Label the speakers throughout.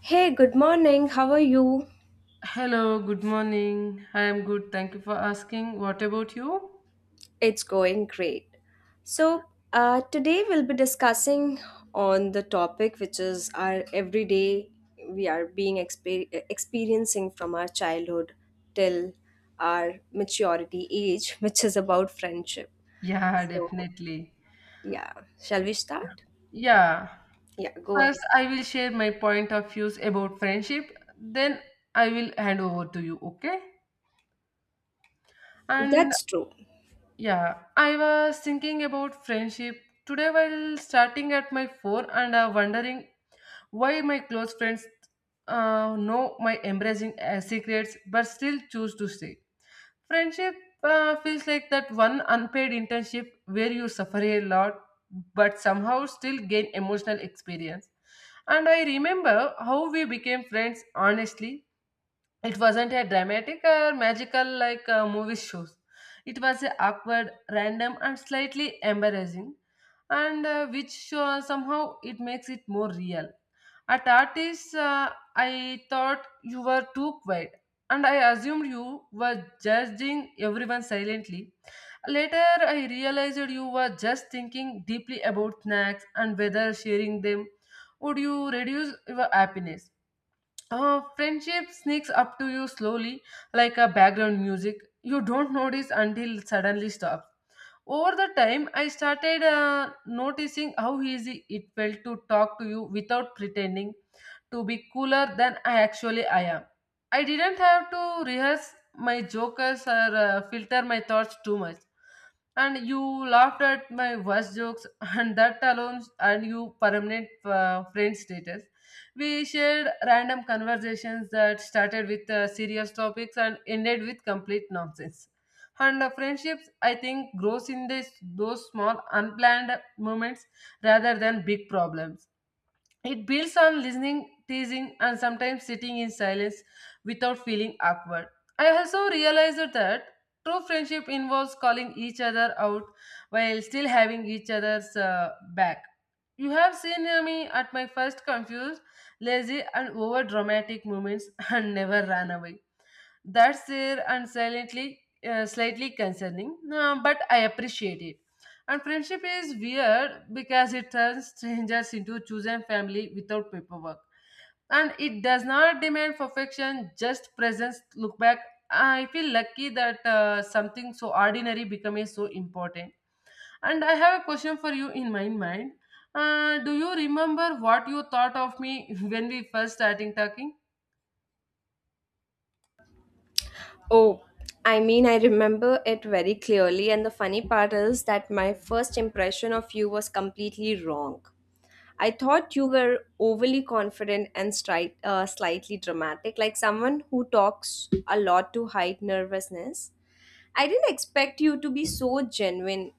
Speaker 1: Hey, good morning. How are you?
Speaker 2: Hello, good morning. I am good. Thank you for asking. What about you?
Speaker 1: It's going great. Today we'll be discussing on the topic which is our everyday we are being experiencing from our childhood till our maturity age, which is about friendship.
Speaker 2: Yeah,
Speaker 1: So,
Speaker 2: definitely.
Speaker 1: yeah, shall we start?
Speaker 2: Yeah.
Speaker 1: Yeah, go
Speaker 2: First,
Speaker 1: ahead.
Speaker 2: I will share my point of views about friendship. Then I will hand over to you, okay? And
Speaker 1: That's true.
Speaker 2: yeah, I was thinking about friendship today while starting at my phone and wondering why my close friends know my embracing secrets but still choose to stay. Friendship feels like that one unpaid internship where you suffer a lot but somehow still gain emotional experience. And I remember how we became friends honestly, it wasn't a dramatic or magical like movie shows. It was a awkward, random, and slightly embarrassing, and which somehow it makes it more real. At artists, I thought you were too quiet, and I assumed you were judging everyone silently. Later, I realized you were just thinking deeply about snacks and whether sharing them would you reduce your happiness. Friendship sneaks up to you slowly, like a background music. You don't notice until it suddenly stops. Over the time, I started noticing how easy it felt to talk to you without pretending to be cooler than I actually I am. I didn't have to rehearse my jokes or filter my thoughts too much, and you laughed at my worst jokes, and that alone and you permanent friend status. We shared random conversations that started with serious topics and ended with complete nonsense. And friendships, I think, grows in this those small unplanned moments rather than big problems. It builds on listening, teasing, and sometimes sitting in silence without feeling awkward. I also realized that true friendship involves calling each other out while still having each other's back. You have seen me at my first confused, lazy, and over dramatic moments and never ran away. That's there and silently, slightly concerning, but I appreciate it. And friendship is weird because it turns strangers into chosen family without paperwork. And it does not demand perfection, just presence. Look back. I feel lucky that something so ordinary became so important. And I have a question for you in my mind. Do you remember what you thought of me when we first starting talking?
Speaker 1: Oh, I remember it very clearly, and the funny part is that my first impression of you was completely wrong. I thought you were overly confident and slightly dramatic, like someone who talks a lot to hide nervousness. I didn't expect you to be so genuine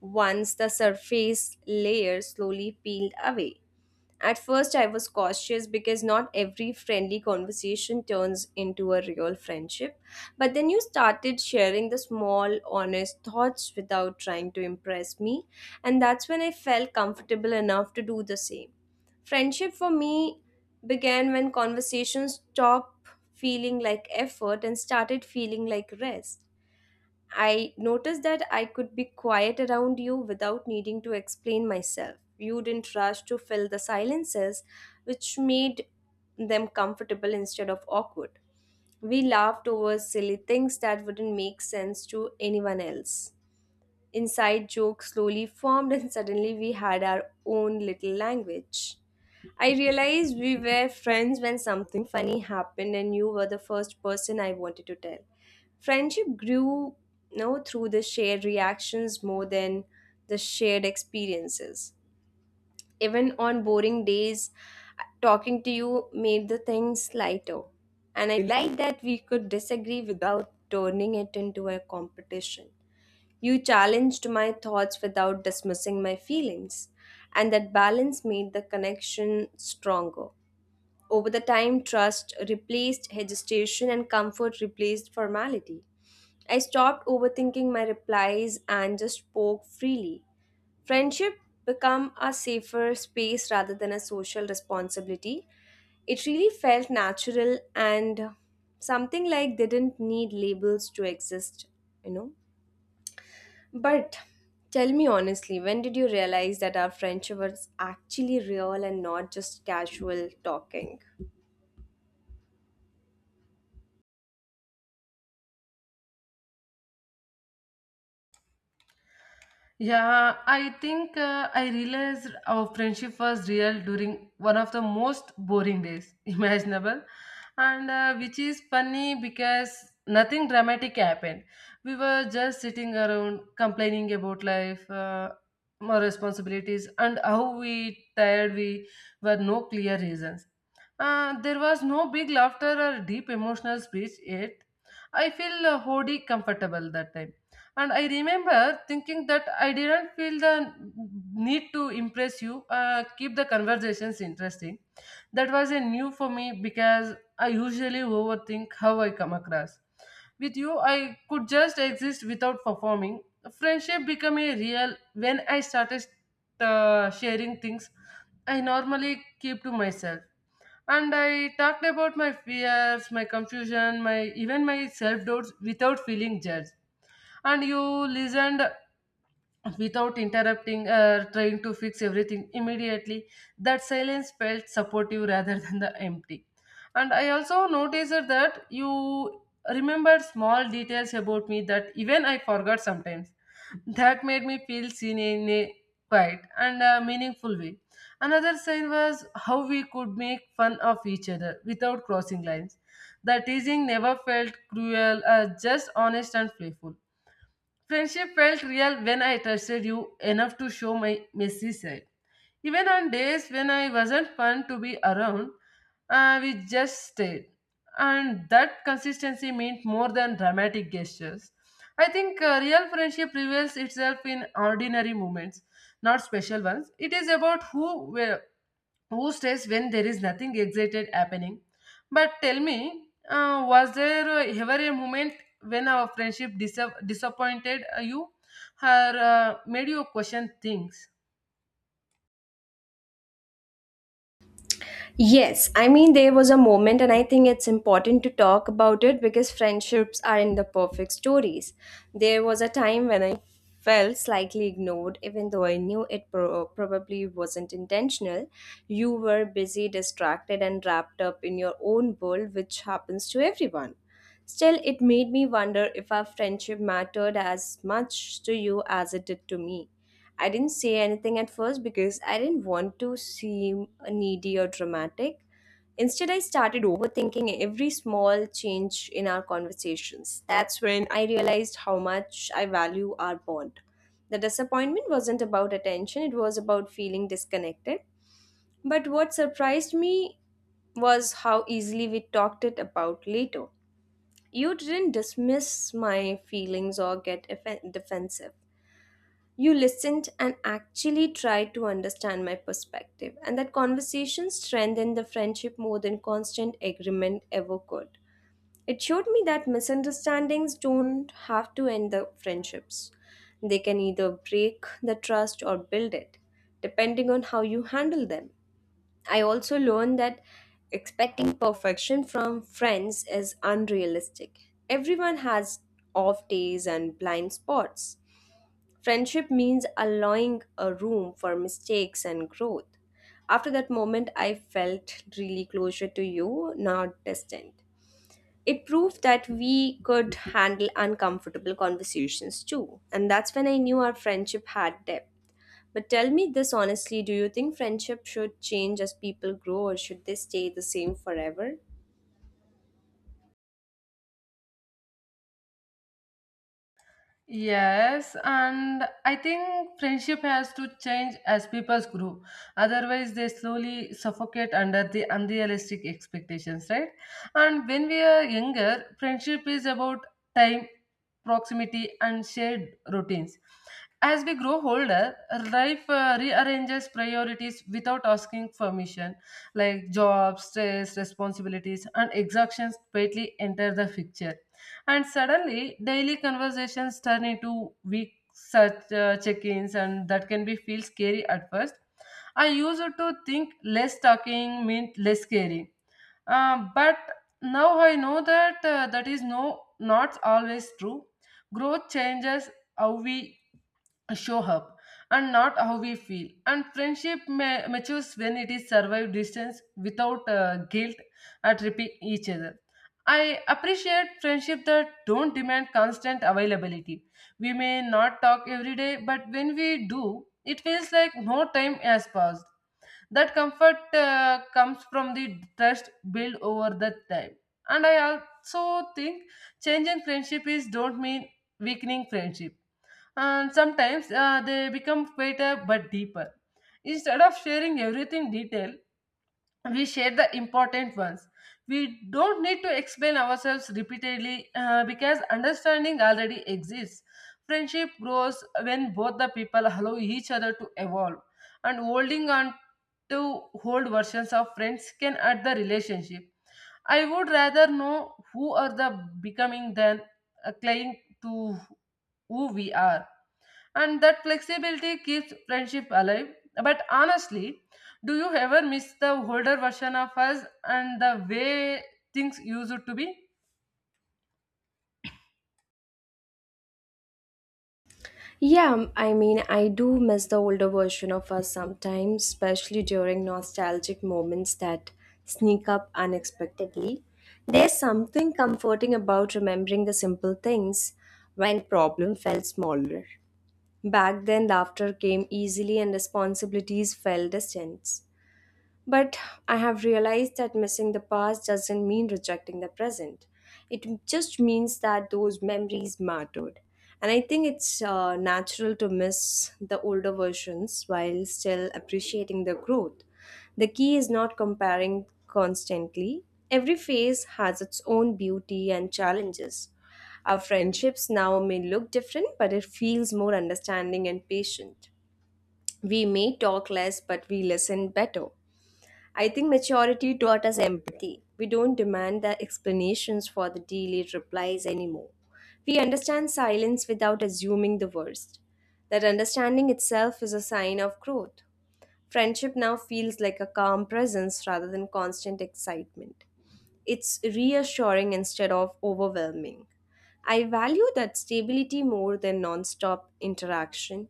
Speaker 1: once the surface layer slowly peeled away. At first, I was cautious because not every friendly conversation turns into a real friendship. But then you started sharing the small, honest thoughts without trying to impress me, and that's when I felt comfortable enough to do the same. Friendship for me began when conversations stopped feeling like effort and started feeling like rest. I noticed that I could be quiet around you without needing to explain myself. You didn't rush to fill the silences, which made them comfortable instead of awkward. We laughed over silly things that wouldn't make sense to anyone else. Inside jokes slowly formed, and suddenly we had our own little language. I realized we were friends when something funny happened and you were the first person I wanted to tell. Friendship grew, you know, through the shared reactions more than the shared experiences. Even on boring days, talking to you made the things lighter. And I liked that we could disagree without turning it into a competition. You challenged my thoughts without dismissing my feelings, and that balance made the connection stronger. Over the time, trust replaced hesitation and comfort replaced formality. I stopped overthinking my replies and just spoke freely. Friendship became a safer space rather than a social responsibility. It really felt natural and something like didn't need labels to exist, you know. But tell me honestly, when did you realize that our friendship was actually real and not just casual talking?
Speaker 2: Yeah, I think I realized our friendship was real during one of the most boring days imaginable, and which is funny because nothing dramatic happened. We were just sitting around complaining about life, more responsibilities, and how we tired we were no clear reasons. There was no big laughter or deep emotional speech yet. I feel wholly comfortable that time, and I remember thinking that I didn't feel the need to impress you, keep the conversations interesting. That was a new for me because I usually overthink how I come across. With you, I could just exist without performing. Friendship became a real when I started sharing things I normally keep to myself, and I talked about my fears, my confusion, my even my self doubts without feeling judged. And you listened without interrupting or trying to fix everything immediately. That silence felt supportive rather than the empty. And I also noticed that you remembered small details about me that even I forgot sometimes. That made me feel seen in a quiet and meaningful way. Another sign was how we could make fun of each other without crossing lines. The teasing never felt cruel, just honest and playful. Friendship felt real when I trusted you enough to show my messy side. Even on days when I wasn't fun to be around, we just stayed. And that consistency meant more than dramatic gestures. I think real friendship reveals itself in ordinary moments, not special ones. It is about who, where, who stays when there is nothing excited happening. But tell me, was there ever a moment when our friendship disappointed you or made you question things?
Speaker 1: Yes, there was a moment, and I think it's important to talk about it because friendships are in the perfect stories. There was a time when I felt slightly ignored, even though I knew it probably wasn't intentional. You were busy, distracted, and wrapped up in your own world, which happens to everyone. Still, it made me wonder if our friendship mattered as much to you as it did to me. I didn't say anything at first because I didn't want to seem needy or dramatic. Instead, I started overthinking every small change in our conversations. That's when I realized how much I value our bond. The disappointment wasn't about attention, it was about feeling disconnected. But what surprised me was how easily we talked it about later. You didn't dismiss my feelings or get defensive. You listened and actually tried to understand my perspective, and that conversation strengthened the friendship more than constant agreement ever could. It showed me that misunderstandings don't have to end the friendships. They can either break the trust or build it, depending on how you handle them. I also learned that expecting perfection from friends is unrealistic. Everyone has off days and blind spots. Friendship means allowing a room for mistakes and growth. After that moment, I felt really closer to you, not distant. It proved that we could handle uncomfortable conversations too. And that's when I knew our friendship had depth. But tell me this honestly, do you think friendship should change as people grow or should they stay the same forever?
Speaker 2: Yes, and I think friendship has to change as people grow. Otherwise, they slowly suffocate under the unrealistic expectations, right? And when we are younger, friendship is about time, proximity, and shared routines. As we grow older, life rearranges priorities without asking permission, like jobs, stress, responsibilities, and exhaustions quietly enter the picture. And suddenly, daily conversations turn into week such check-ins, and that can be feel scary at first. I used to think less talking meant less scary, but now I know that that is no not always true. Growth changes how we show up and not how we feel, and friendship matures when it is survived distance without guilt at repeat each other. I appreciate friendship that don't demand constant availability. We may not talk every day, but when we do it feels like no time has passed. That comfort comes from the trust built over the time. And I also think changing friendship is don't mean weakening friendship. And sometimes they become better but deeper. Instead of sharing everything detail, we share the important ones. We don't need to explain ourselves repeatedly because understanding already exists. Friendship grows when both the people allow each other to evolve, and holding on to old versions of friends can hurt the relationship. I would rather know who are the becoming than clinging to who we are, and that flexibility keeps friendship alive. But honestly, do you ever miss the older version of us and the way things used to be?
Speaker 1: Yeah, I do miss the older version of us sometimes, especially during nostalgic moments that sneak up unexpectedly. There's something comforting about remembering the simple things when problem felt smaller. Back then, laughter came easily and responsibilities felt distant. But I have realized that missing the past doesn't mean rejecting the present. It just means that those memories mattered. And I think it's natural to miss the older versions while still appreciating the growth. The key is not comparing constantly. Every phase has its own beauty and challenges. Our friendships now may look different, but it feels more understanding and patient. We may talk less, but we listen better. I think maturity taught us empathy. We don't demand the explanations for the delayed replies anymore. We understand silence without assuming the worst. That understanding itself is a sign of growth. Friendship now feels like a calm presence rather than constant excitement. It's reassuring instead of overwhelming. I value that stability more than non-stop interaction.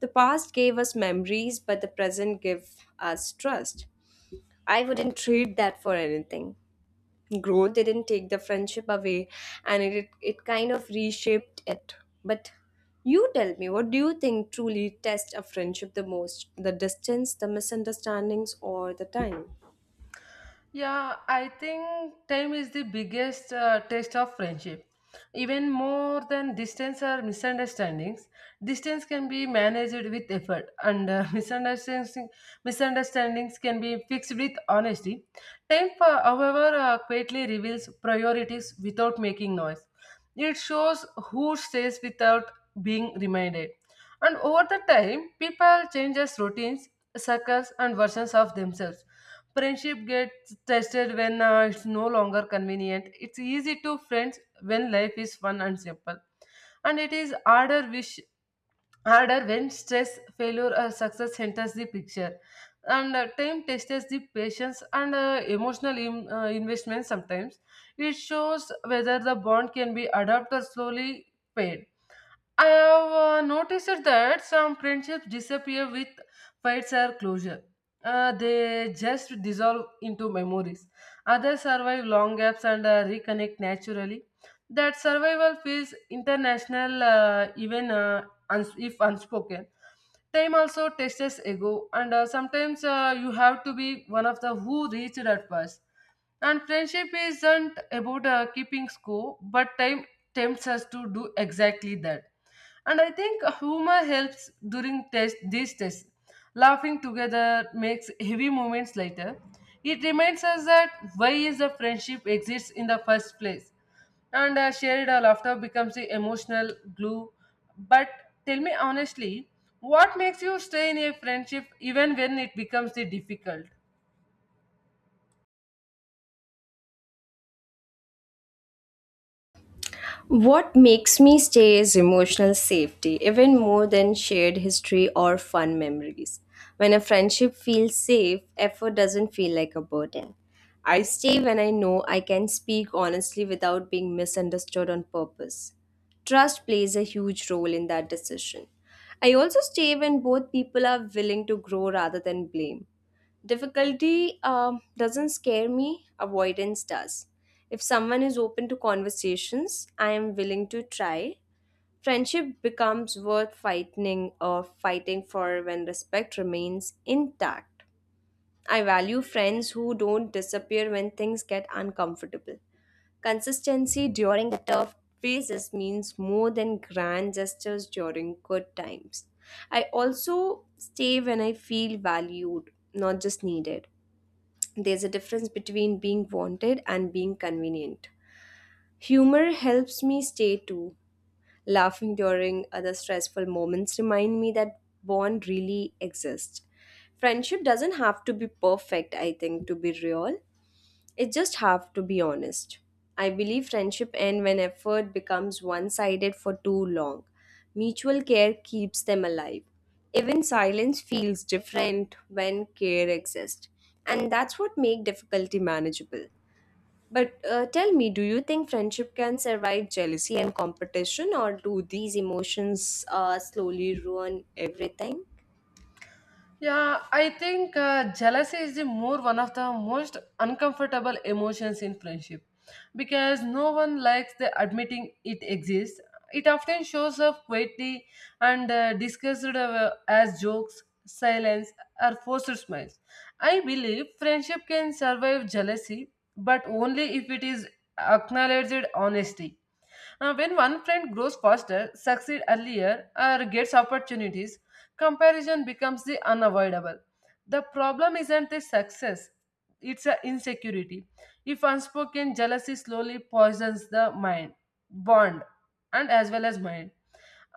Speaker 1: The past gave us memories, but the present gives us trust. I wouldn't trade that for anything. Growth didn't take the friendship away and it kind of reshaped it. But you tell me, what do you think truly tests a friendship the most? The distance, the misunderstandings, or the time?
Speaker 2: Yeah, I think time is the biggest test of friendship. Even more than distance or misunderstandings, distance can be managed with effort, and misunderstandings can be fixed with honesty. Time, however, quietly reveals priorities without making noise. It shows who stays without being reminded, and over the time, people changes routines, circles, and versions of themselves. Friendship gets tested when it's no longer convenient. It's easy to friends when life is fun and simple. And it is harder when stress, failure or success enters the picture. And time tests the patience and emotional im- investment sometimes. It shows whether the bond can be adapted or slowly paid. I have noticed that some friendships disappear with fights or closure. They just dissolve into memories. Others survive long gaps and reconnect naturally. That survival feels international, even if unspoken. Time also tests us, ego, and sometimes you have to be one of the who reached at first. And friendship isn't about keeping score, but time tempts us to do exactly that. And I think humor helps during these tests. Laughing together makes heavy moments lighter. It reminds us that why is the friendship exists in the first place. And shared laughter becomes the emotional glue. But tell me honestly, what makes you stay in a friendship even when it becomes the difficult?
Speaker 1: What makes me stay is emotional safety, even more than shared history or fun memories. When a friendship feels safe, effort doesn't feel like a burden. I stay when I know I can speak honestly without being misunderstood on purpose. Trust plays a huge role in that decision. I also stay when both people are willing to grow rather than blame. Difficulty doesn't scare me, avoidance does. If someone is open to conversations, I am willing to try. Friendship becomes worth fighting for when respect remains intact. I value friends who don't disappear when things get uncomfortable. Consistency during tough phases means more than grand gestures during good times. I also stay when I feel valued, not just needed. There's a difference between being wanted and being convenient. Humor helps me stay too. Laughing during other stressful moments remind me that bond really exists. Friendship doesn't have to be perfect, I think, to be real. It's just have to be honest. I believe friendship end when effort becomes one sided for too long. Mutual care keeps them alive. Even silence feels different when care exists. And that's what makes difficulty manageable. But tell me, do you think friendship can survive jealousy and competition, or do these emotions slowly ruin everything?
Speaker 2: Yeah, I think jealousy is the more one of the most uncomfortable emotions in friendship because no one likes the admitting it exists. It often shows up quietly and discussed as jokes, silence, or forced smiles. I believe friendship can survive jealousy, but only if it is acknowledged honestly. When one friend grows faster, succeeds earlier, or gets opportunities, comparison becomes the unavoidable. The problem isn't the success, it's an insecurity. If unspoken jealousy slowly poisons the mind, bond, and as well as mind.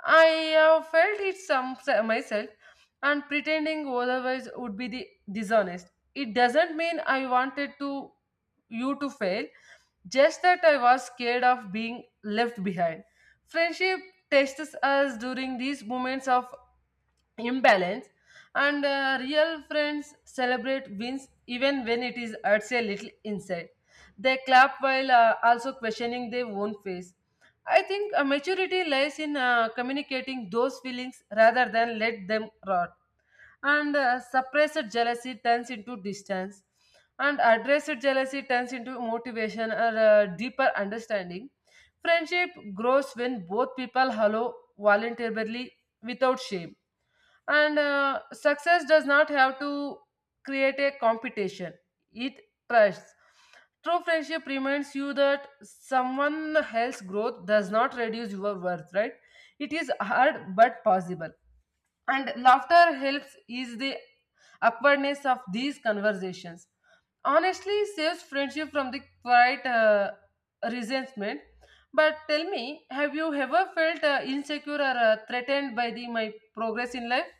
Speaker 2: I have felt it some myself, and pretending otherwise would be the dishonest. It doesn't mean I wanted to you to fail, just that I was scared of being left behind. Friendship tests us during these moments of imbalance, and real friends celebrate wins even when it is hurts a little inside. They clap while also questioning their own face. I think maturity lies in communicating those feelings rather than let them rot. And suppressed jealousy turns into distance, and addressed jealousy turns into motivation or deeper understanding. Friendship grows when both people hello voluntarily without shame, and success does not have to create a competition. It trusts true friendship reminds you that someone else's growth does not reduce your worth, right? It is hard but possible, and laughter helps ease the awkwardness of these conversations. Honestly saves friendship from the quiet resentment. But tell me, have you ever felt insecure or threatened by the my progress in life?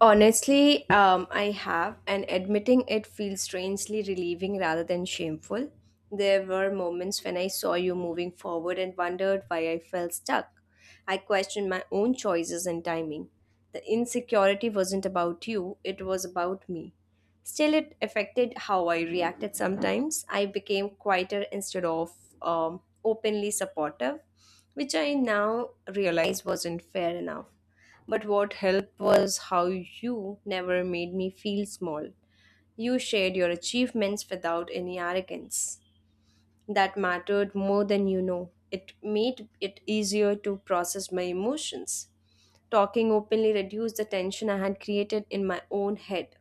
Speaker 1: Honestly, I have, and admitting it feels strangely relieving rather than shameful. There were moments when I saw you moving forward and wondered why I felt stuck. I questioned my own choices and timing. The insecurity wasn't about you, it was about me. Still, it affected how I reacted sometimes. I became quieter instead of openly supportive, which I now realize wasn't fair enough. But what helped was how you never made me feel small. You shared your achievements without any arrogance. That mattered more than you know. It made it easier to process my emotions. Talking openly reduced the tension I had created in my own head.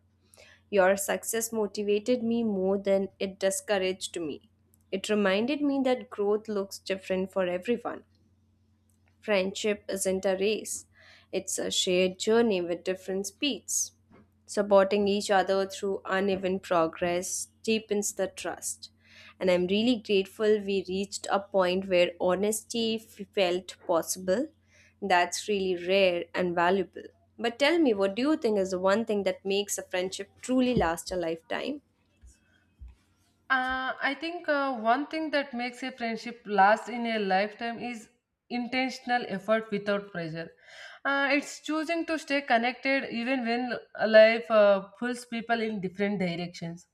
Speaker 1: Your success motivated me more than it discouraged me. It reminded me that growth looks different for everyone. Friendship isn't a race, it's a shared journey with different speeds. Supporting each other through uneven progress deepens the trust. And I'm really grateful we reached a point where honesty felt possible. That's really rare and valuable. But tell me, what do you think is the one thing that makes a friendship truly last a lifetime?
Speaker 2: I think one thing that makes a friendship last in a lifetime is intentional effort without pressure. It's choosing to stay connected even when life pulls people in different directions.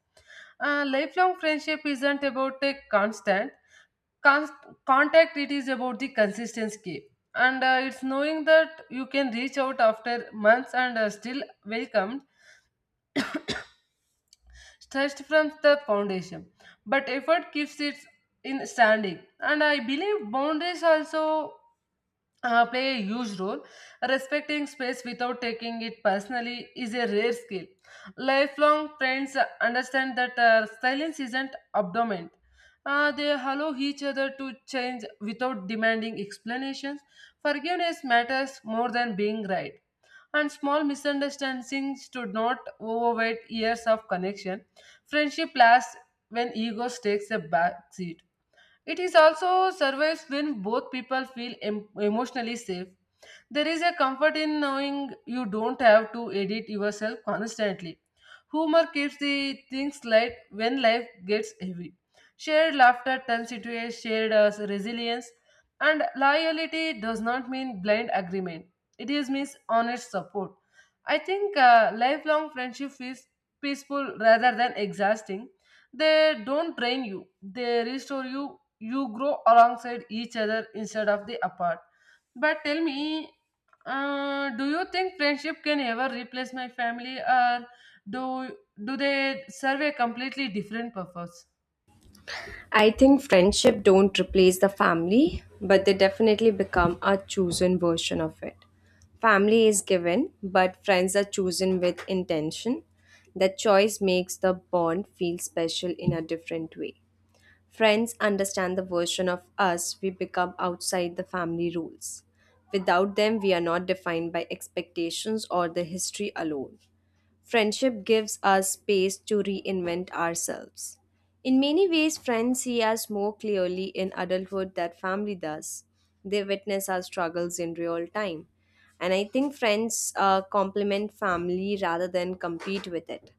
Speaker 2: Lifelong friendship isn't about a constant Con- contact, it is about the consistency. And it's knowing that you can reach out after months and still welcomed stressed from the foundation, but effort keeps it in standing. And I believe boundaries also play a huge role. Respecting space without taking it personally is a rare skill. Lifelong friends understand that silence isn't abdomen. They allow each other to change without demanding explanations. Forgiveness matters more than being right, and small misunderstandings do not overweight years of connection. Friendship lasts when ego takes a back seat. It is also survives when both people feel emotionally safe. There is a comfort in knowing you don't have to edit yourself constantly. Humor keeps the things light when life gets heavy. Shared laughter turns into a shared resilience, and loyalty does not mean blind agreement. It is means honest support. I think lifelong friendship is peaceful rather than exhausting. They don't drain you, they restore you. You grow alongside each other instead of the apart. But tell me, do you think friendship can ever replace my family, or do do they serve a completely different purpose?
Speaker 1: I think friendship don't replace the family, but they definitely become a chosen version of it. Family is given, but friends are chosen with intention. That choice makes the bond feel special in a different way. Friends understand the version of us we become outside the family rules. Without them, we are not defined by expectations or the history alone. Friendship gives us space to reinvent ourselves. In many ways, friends see us more clearly in adulthood than family does. They witness our struggles in real time. And I think friends complement family rather than compete with it.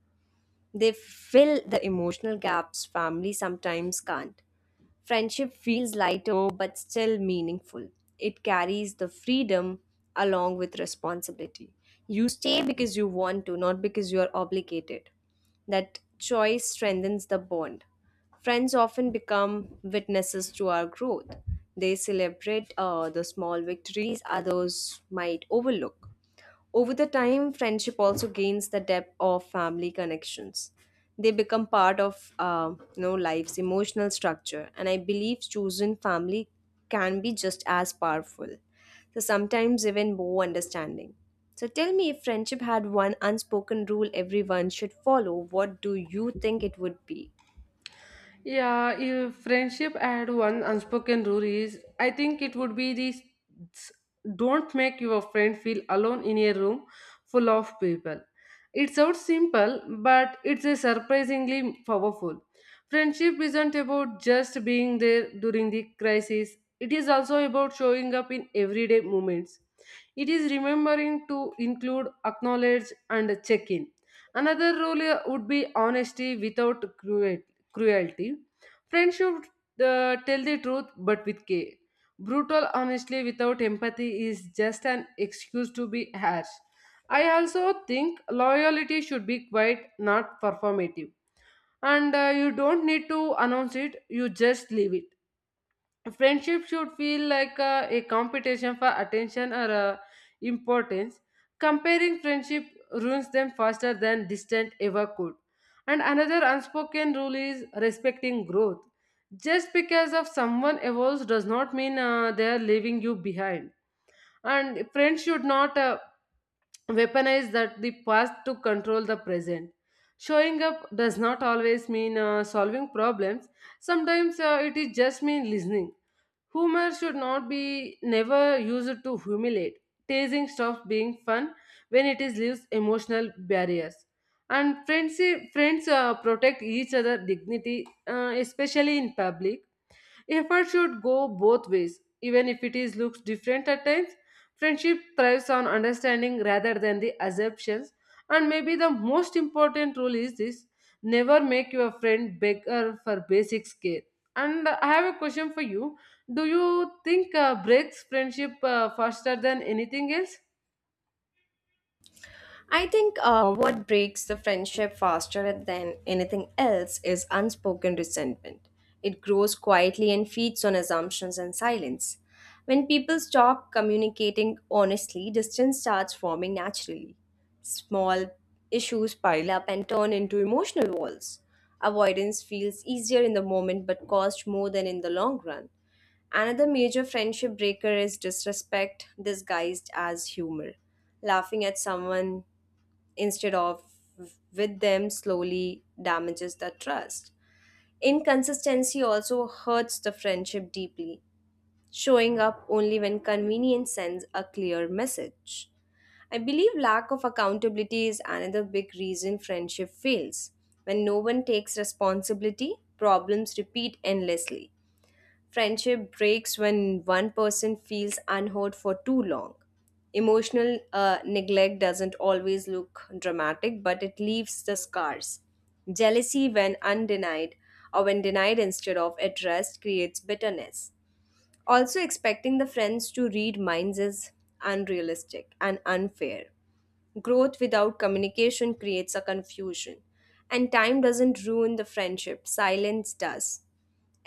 Speaker 1: They fill the emotional gaps family sometimes can't. Friendship feels lighter but still meaningful. It carries the freedom along with responsibility. You stay because you want to, not because you are obligated. That choice strengthens the bond. Friends often become witnesses to our growth. They celebrate the small victories others might overlook. Over the time, friendship also gains the depth of family connections. They become part of life's emotional structure, and I believe chosen family can be just as powerful. So sometimes even more understanding. So tell me, if friendship had one unspoken rule everyone should follow, what do you think it would be?
Speaker 2: Yeah, if friendship had one unspoken rule is, I think it would be this: don't make your friend feel alone in a room full of people. It sounds simple, but it's a surprisingly powerful. Friendship isn't about just being there during the crisis, it is also about showing up in everyday moments. It is remembering to include, acknowledge, and check in. Another rule would be honesty without cruelty. Friends should tell the truth but with care. Brutal honestly without empathy is just an excuse to be harsh. I also think loyalty should be quiet, not performative. And you don't need to announce it, you just leave it. Friendship should feel like a competition for attention or importance. Comparing friendship ruins them faster than distant ever could. And another unspoken rule is respecting growth. Just because of someone evolves does not mean they are leaving you behind, and friends should not weaponize that the past to control the present. Showing up does not always mean solving problems. Sometimes it is just mean listening. Humor should not be never used to humiliate. Teasing stops being fun when it is leaves emotional barriers. And friends protect each other dignity, especially in public. Effort should go both ways, even if it is looks different at times. Friendship thrives on understanding rather than the assumptions. And maybe the most important rule is this: never make your friend beggar for basic care. And I have a question for you. Do you think breaks friendship faster than anything else?
Speaker 1: I think What breaks the friendship faster than anything else is unspoken resentment. It grows quietly and feeds on assumptions and silence. When people stop communicating honestly, distance starts forming naturally. Small issues pile up and turn into emotional walls. Avoidance feels easier in the moment but costs more than in the long run. Another major friendship breaker is disrespect disguised as humor. Laughing at someone instead of with them slowly damages the trust. Inconsistency also hurts the friendship deeply, showing up only when convenience sends a clear message. I believe lack of accountability is another big reason friendship fails. When no one takes responsibility, problems repeat endlessly. Friendship breaks when one person feels unheard for too long. Emotional neglect doesn't always look dramatic, but it leaves the scars. Jealousy, when undenied or when denied instead of addressed, creates bitterness. Also, expecting the friends to read minds is unrealistic and unfair. Growth without communication creates a confusion. And time doesn't ruin the friendship, silence does.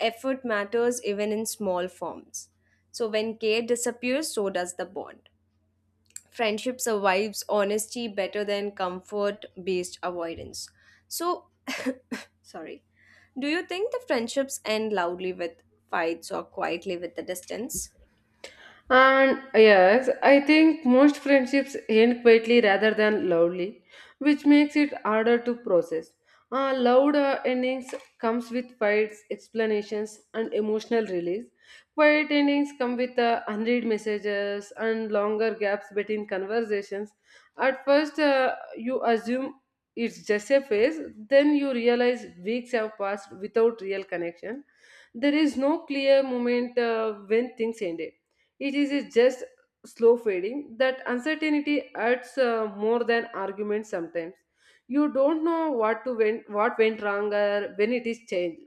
Speaker 1: Effort matters even in small forms. So when care disappears, so does the bond. Friendship survives honesty better than comfort based avoidance. So, sorry. Do you think the friendships end loudly with fights or quietly with the distance?
Speaker 2: And yes, I think most friendships end quietly rather than loudly, which makes it harder to process. Loud endings comes with fights, explanations, and emotional release. Quiet endings come with unread messages and longer gaps between conversations. At first, you assume it's just a phase, then you realize weeks have passed without real connection. There is no clear moment when things ended, it is just slow fading. That uncertainty adds more than arguments sometimes. You don't know what to went, what went wrong or when it is changed.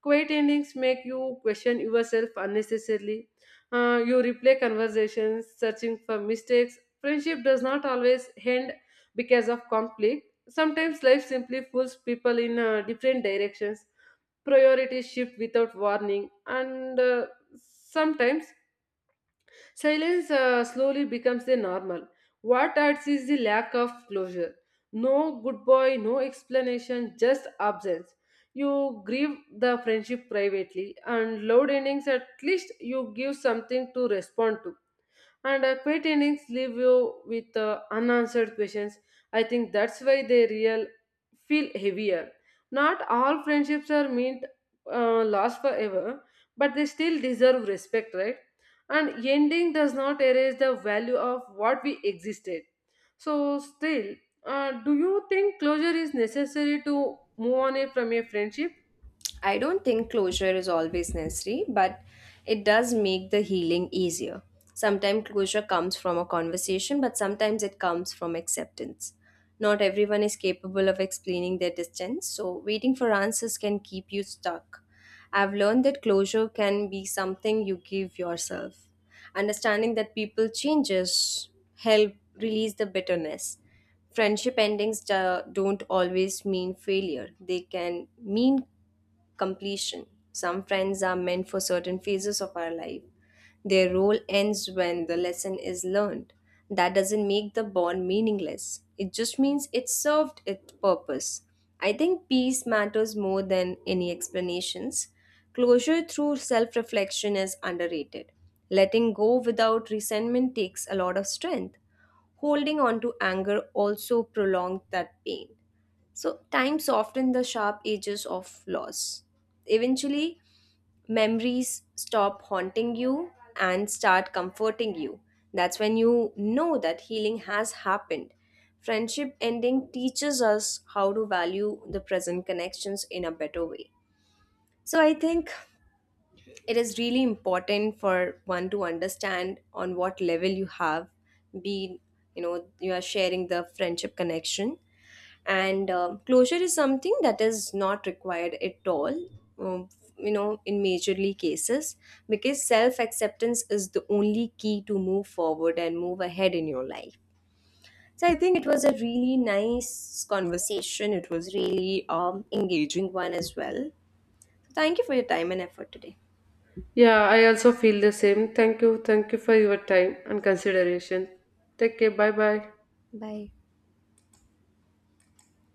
Speaker 2: Quiet endings make you question yourself unnecessarily. You replay conversations, searching for mistakes. Friendship does not always end because of conflict. Sometimes life simply pulls people in different directions. Priorities shift without warning, and sometimes silence slowly becomes the normal. What adds is the lack of closure. No good boy, no explanation, just absence. You grieve the friendship privately, and loud endings at least you give something to respond to, and quit innings leave you with unanswered questions. I think that's why they real feel heavier. Not all friendships are meant last forever, but they still deserve respect, right? And ending does not erase the value of what we existed. So, still, do you think closure is necessary to move on from a friendship?
Speaker 1: I don't think closure is always necessary, but it does make the healing easier. Sometimes closure comes from a conversation, but sometimes it comes from acceptance. Not everyone is capable of explaining their distance, so waiting for answers can keep you stuck. I've learned that closure can be something you give yourself. Understanding that people changes help release the bitterness. Friendship endings don't always mean failure, they can mean completion. Some friends are meant for certain phases of our life. Their role ends when the lesson is learned. That doesn't make the bond meaningless. It just means it served its purpose. I think peace matters more than any explanations. Closure through self reflection is underrated. Letting go without resentment takes a lot of strength. Holding on to anger also prolongs that pain. So, time softened the sharp edges of loss. Eventually, memories stop haunting you and start comforting you. That's when you know that healing has happened. Friendship ending teaches us how to value the present connections in a better way. So, I think it is really important for one to understand on what level you have been, you know, you are sharing the friendship connection, and closure is something that is not required at all, um, you know, in majorly cases, because self acceptance is the only key to move forward and move ahead in your life. So I think it was a really nice conversation. It was really engaging one as well. So thank you for your time and effort today.
Speaker 2: Yeah, I also feel the same. Thank you. Thank you for your time and consideration. Take care. Bye bye.
Speaker 1: Bye.